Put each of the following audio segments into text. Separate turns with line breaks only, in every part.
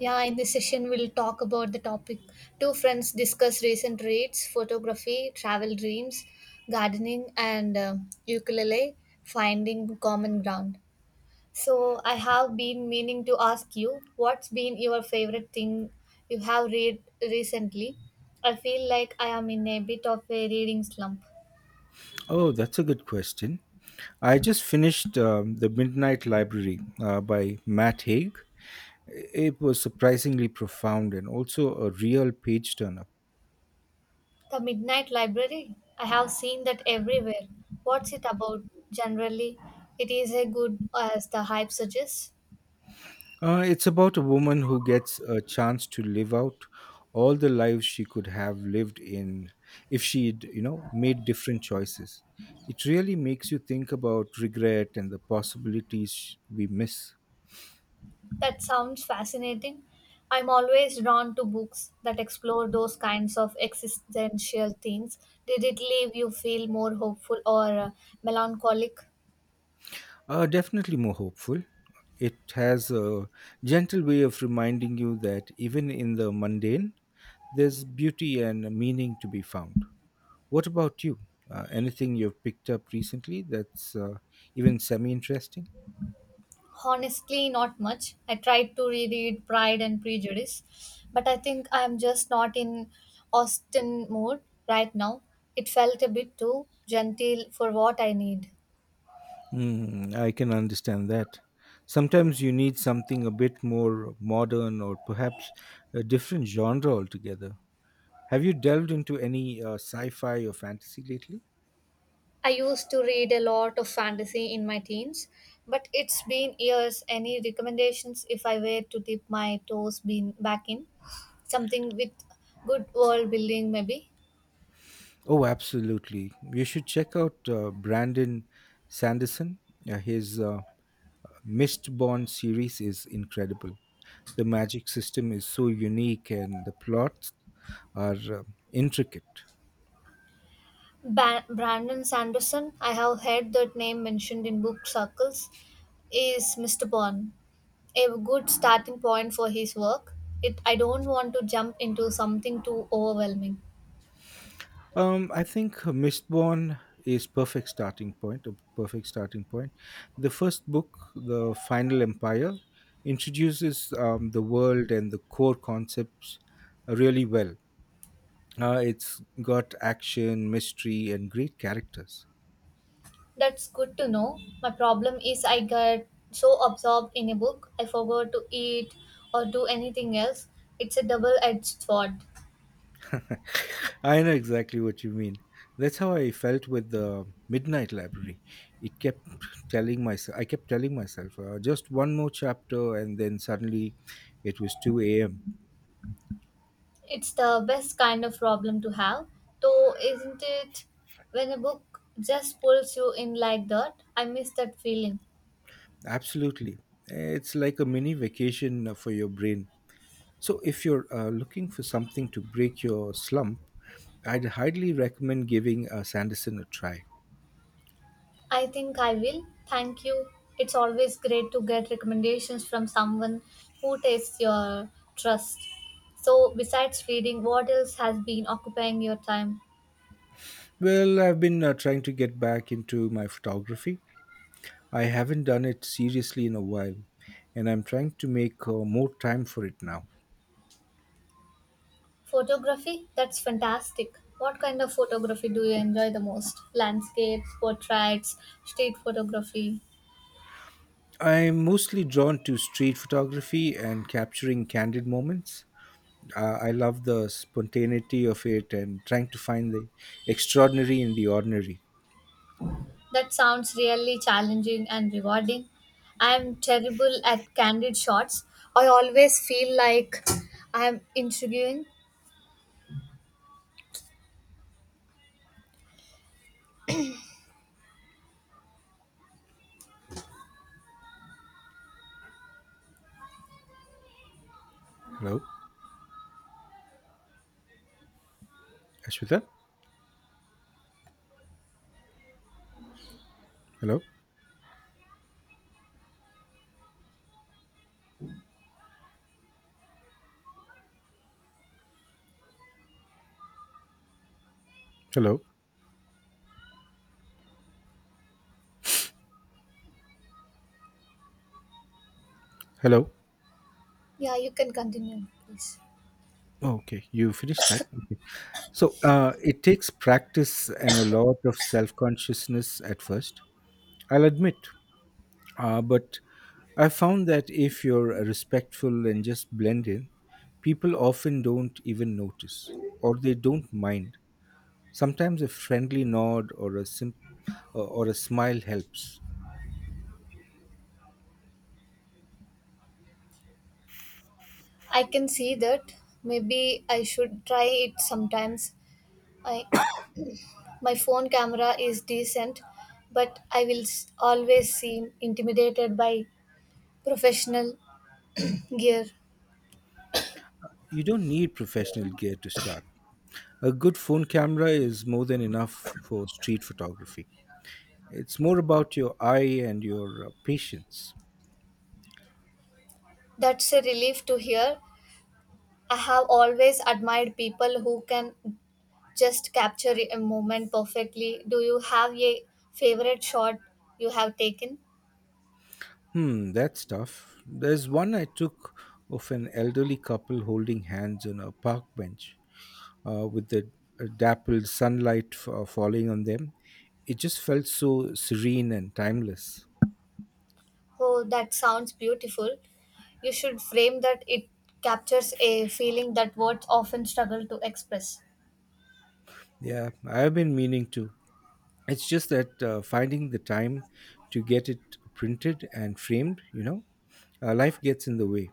Yeah, in this session, we'll talk about the topic. Two friends discuss recent reads, photography, travel dreams, gardening, and ukulele, finding common ground. So, I have been meaning to ask you, what's been your favorite thing you have read recently? I feel like I am in a bit of a reading slump.
Oh, that's a good question. I just finished The Midnight Library by Matt Haig. It was surprisingly profound and also a real page turner.
The Midnight Library? I have seen that everywhere. What's it about generally? It is as good as the hype suggests.
It's about a woman who gets a chance to live out all the lives she could have lived in if she'd made different choices. It really makes you think about regret and the possibilities we miss.
That sounds fascinating. I'm always drawn to books that explore those kinds of existential themes. Did it leave you feel more hopeful or melancholic?
Definitely more hopeful. It has a gentle way of reminding you that even in the mundane, there's beauty and meaning to be found. What about you? Anything you've picked up recently that's even semi interesting?
Honestly, not much. I tried to reread Pride and Prejudice, but I think I'm just not in Austen mood right now. It felt a bit too genteel for what I need.
I can understand that. Sometimes you need something a bit more modern or perhaps a different genre altogether. Have you delved into any sci fi or fantasy lately?
I used to read a lot of fantasy in my teens, but it's been years. Any recommendations if I were to dip my toes bean back in? Something with good world building, maybe?
Oh, absolutely. You should check out Brandon Sanderson. His Mistborn series is incredible. The magic system is so unique and the plots are intricate.
Brandon Sanderson, I have heard that name mentioned in book circles, is Mr. Bond. A good starting point for his work. It, I don't want to jump into something too overwhelming.
I think Mistborn is a perfect starting point. The first book, The Final Empire, introduces the world and the core concepts really well. It's got action, mystery, and great characters.
That's good to know. My problem is I get so absorbed in a book, I forgot to eat or do anything else. It's a double edged sword.
I know exactly what you mean. That's how I felt with the Midnight Library. It kept telling myself, I kept telling myself, just one more chapter, and then suddenly it was 2 a.m.
It's the best kind of problem to have, though, isn't it? When a book just pulls you in like that, I miss that feeling.
Absolutely. It's like a mini vacation for your brain. So if you're looking for something to break your slump, I'd highly recommend giving Sanderson a try.
I think I will. Thank you. It's always great to get recommendations from someone who takes your trust. So, besides reading, what else has been occupying your time?
Well, I've been trying to get back into my photography. I haven't done it seriously in a while, and I'm trying to make more time for it now.
Photography? That's fantastic. What kind of photography do you enjoy the most? Landscapes, portraits, street photography.
I'm mostly drawn to street photography and capturing candid moments. I love the spontaneity of it and trying to find the extraordinary in the ordinary.
That sounds really challenging and rewarding. I'm terrible at candid shots. I always feel like I'm interviewing.
Hello, Ashwita? Hello? Hello? Hello?
Yeah, you can continue, please.
Oh, okay, you finished that? Okay. So it takes practice and a lot of self consciousness at first. I'll admit. But I found that if you're respectful and just blend in, people often don't even notice or they don't mind. Sometimes a friendly nod or a smile helps.
I can see that. Maybe I should try it sometimes. I, my phone camera is decent, but I will always seem intimidated by professional gear.
You don't need professional gear to start. A good phone camera is more than enough for street photography. It's more about your eye and your patience.
That's a relief to hear. I have always admired people who can just capture a moment perfectly. Do you have a favorite shot you have taken?
That's tough. There's one I took of an elderly couple holding hands on a park bench, with the dappled sunlight falling on them. It just felt so serene and timeless.
Oh, that sounds beautiful. You should frame that. It captures a feeling that words often struggle to express.
Yeah, I've been meaning to. It's just that finding the time to get it printed and framed, life gets in the way.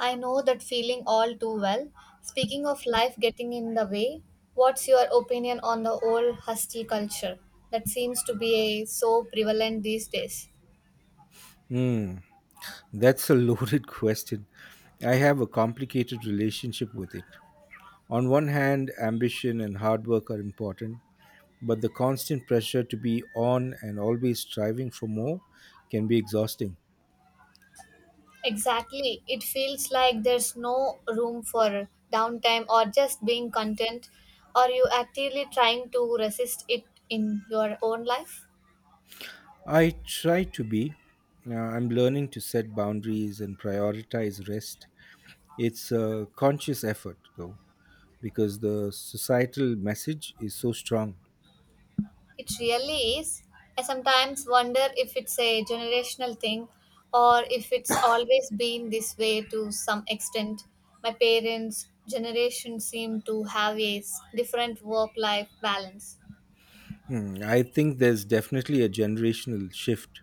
I know that feeling all too well. Speaking of life getting in the way, what's your opinion on the old husky culture that seems to be so prevalent these days?
Hmm, that's a loaded question. I have a complicated relationship with it. On one hand, ambition and hard work are important, but the constant pressure to be on and always striving for more can be exhausting.
Exactly. It feels like there's no room for downtime or just being content. Are you actively trying to resist it in your own life?
I try to be. I'm learning to set boundaries and prioritize rest. It's a conscious effort, though, because the societal message is so strong.
It really is. I sometimes wonder if it's a generational thing or if it's always been this way to some extent. My parents' generation seem to have a different work life balance.
I think there's definitely a generational shift.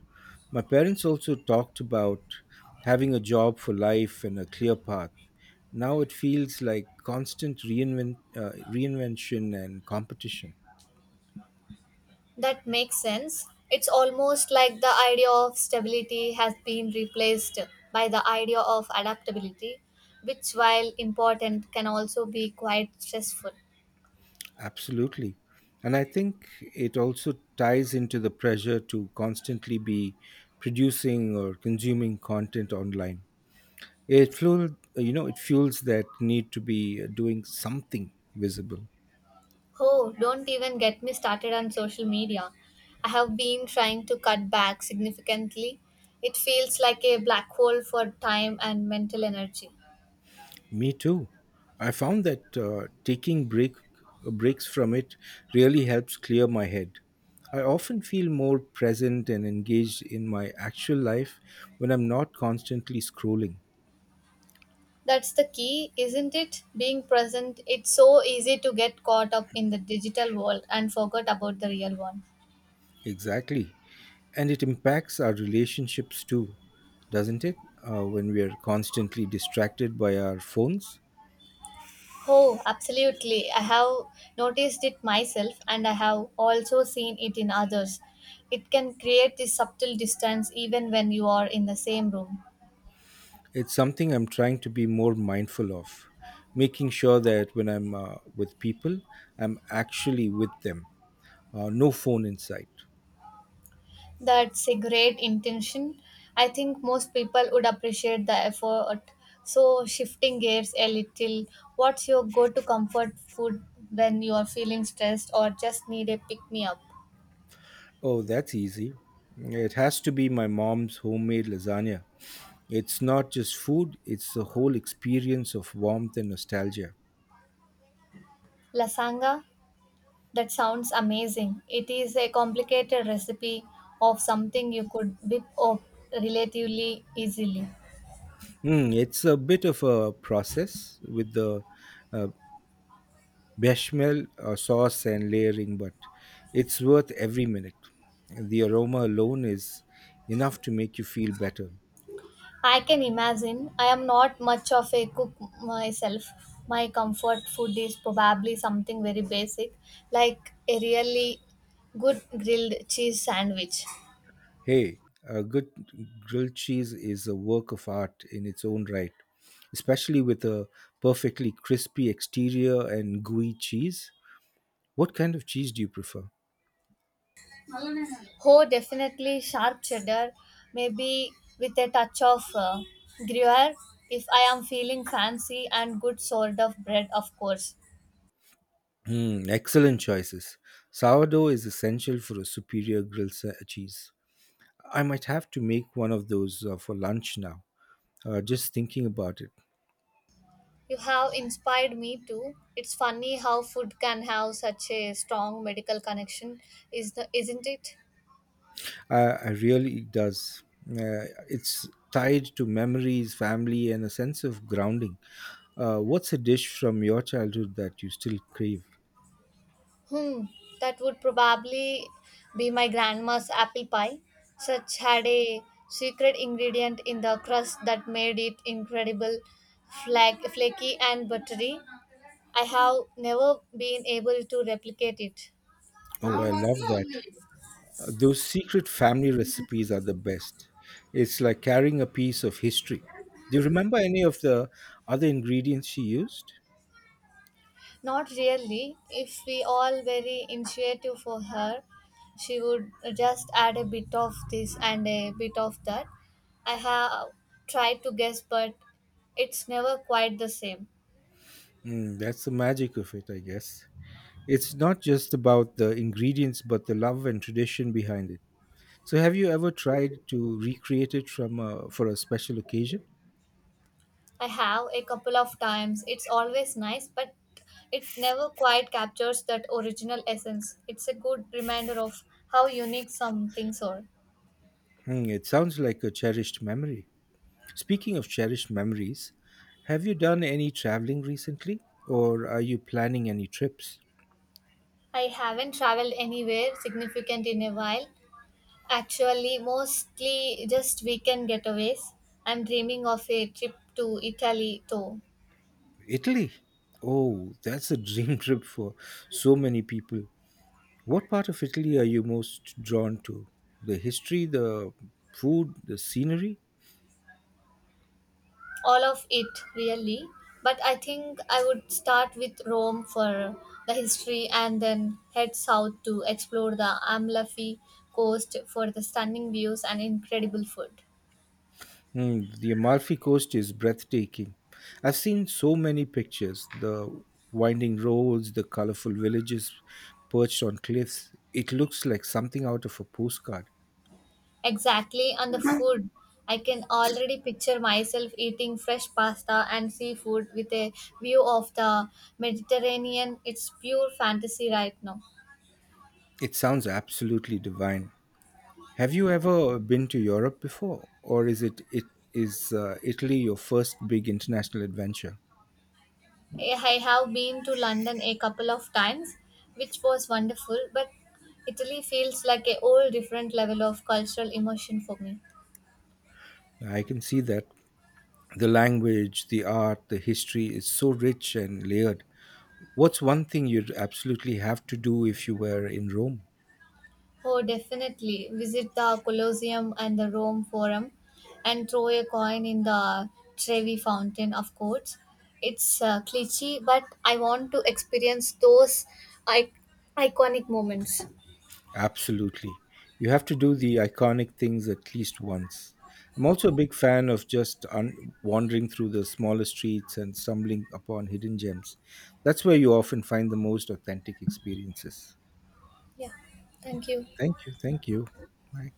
My parents also talked about having a job for life and a clear path. Now it feels like constant reinvention and competition.
That makes sense. It's almost like the idea of stability has been replaced by the idea of adaptability, which, while important, can also be quite stressful.
Absolutely. And I think it also ties into the pressure to constantly be producing or consuming content online. It fueled, you know, it fuels that need to be doing something visible.
Oh, don't even get me started on social media. I have been trying to cut back significantly. It feels like a black hole for time and mental energy.
Me too. I found that taking breaks from it really helps clear my head. I often feel more present and engaged in my actual life when I'm not constantly scrolling.
That's the key, isn't it? Being present. It's so easy to get caught up in the digital world and forget about the real one.
Exactly. And it impacts our relationships too, doesn't it? When we are constantly distracted by our phones.
Oh, absolutely. I have noticed it myself and I have also seen it in others. It can create this subtle distance even when you are in the same room.
It's something I'm trying to be more mindful of, making sure that when I'm with people, I'm actually with them. No phone in sight.
That's a great intention. I think most people would appreciate the effort. So, shifting gears a little, what's your go to comfort food when you're feeling stressed or just need a pick me up?
Oh, that's easy. It has to be my mom's homemade lasagna. It's not just food, it's the whole experience of warmth and nostalgia.
Lasanga? That sounds amazing. It is a complicated recipe of something you could whip up relatively easily.
It's a bit of a process with the uh, bechamel sauce and layering, but it's worth every minute. The aroma alone is enough to make you feel better.
I can imagine. I am not much of a cook myself. My comfort food is probably something very basic, like a really good grilled cheese sandwich.
Hey, a good grilled cheese is a work of art in its own right, especially with a perfectly crispy exterior and gooey cheese. What kind of cheese do you prefer?
Oh, definitely sharp cheddar, maybe with a touch of gruyere if I am feeling fancy, and good sort of bread, of course.
Excellent choices. Sourdough is essential for a superior grilled cheese. I might have to make one of those for lunch now. Just thinking about it,
You have inspired me too. It's funny how food can have such a strong medical connection, isn't it?
I really it does. It's tied to memories, family, and a sense of grounding. What's a dish from your childhood that you still crave?
Hmm, that would probably be my grandma's apple pie. Such had a secret ingredient in the crust that made it incredible flaky and buttery. I have never been able to replicate it.
Oh, I love that. Those secret family recipes are the best. It's like carrying a piece of history. Do you remember any of the other ingredients she used?
Not really. If we all very intuitive for her, she would just add a bit of this and a bit of that. I have tried to guess, but it's never quite the same.
That's the magic of it, I guess. It's not just about the ingredients, but the love and tradition behind it. So, have you ever tried to recreate it for a special occasion?
I have a couple of times. It's always nice, but it never quite captures that original essence. It's a good reminder of how unique some things are.
It sounds like a cherished memory. Speaking of cherished memories, have you done any traveling recently, or are you planning any trips?
I haven't traveled anywhere significant in a while. Actually, mostly just weekend getaways. I'm dreaming of a trip to Italy though.
Italy. Oh, that's a dream trip for so many people. What part of Italy are you most drawn to? The history, the food, the scenery?
All of it, really, but I think I would start with Rome for the history and then head south to explore the Amalfi Coast for the stunning views and incredible food.
The Amalfi Coast is breathtaking. I've seen so many pictures, the winding roads, the colorful villages perched on cliffs. It looks like something out of a postcard.
Exactly on the food. I can already picture myself eating fresh pasta and seafood with a view of the Mediterranean. It's pure fantasy right now.
It sounds absolutely divine. Have you ever been to Europe before, or is it is Italy your first big international adventure?
I have been to London a couple of times, which was wonderful, but Italy feels like a whole different level of cultural emotion for me.
I can see that the language, the art, the history is so rich and layered. What's one thing you'd absolutely have to do if you were in Rome?
Oh, definitely visit the Colosseum and the Rome Forum and throw a coin in the Trevi Fountain, of course. It's cliche, but I want to experience those I- iconic moments.
Absolutely. You have to do the iconic things at least once. I'm also a big fan of just wandering through the smaller streets and stumbling upon hidden gems. That's where you often find the most authentic experiences.
Yeah,
Okay.
thank you.
Thank you. Thank you. Bye.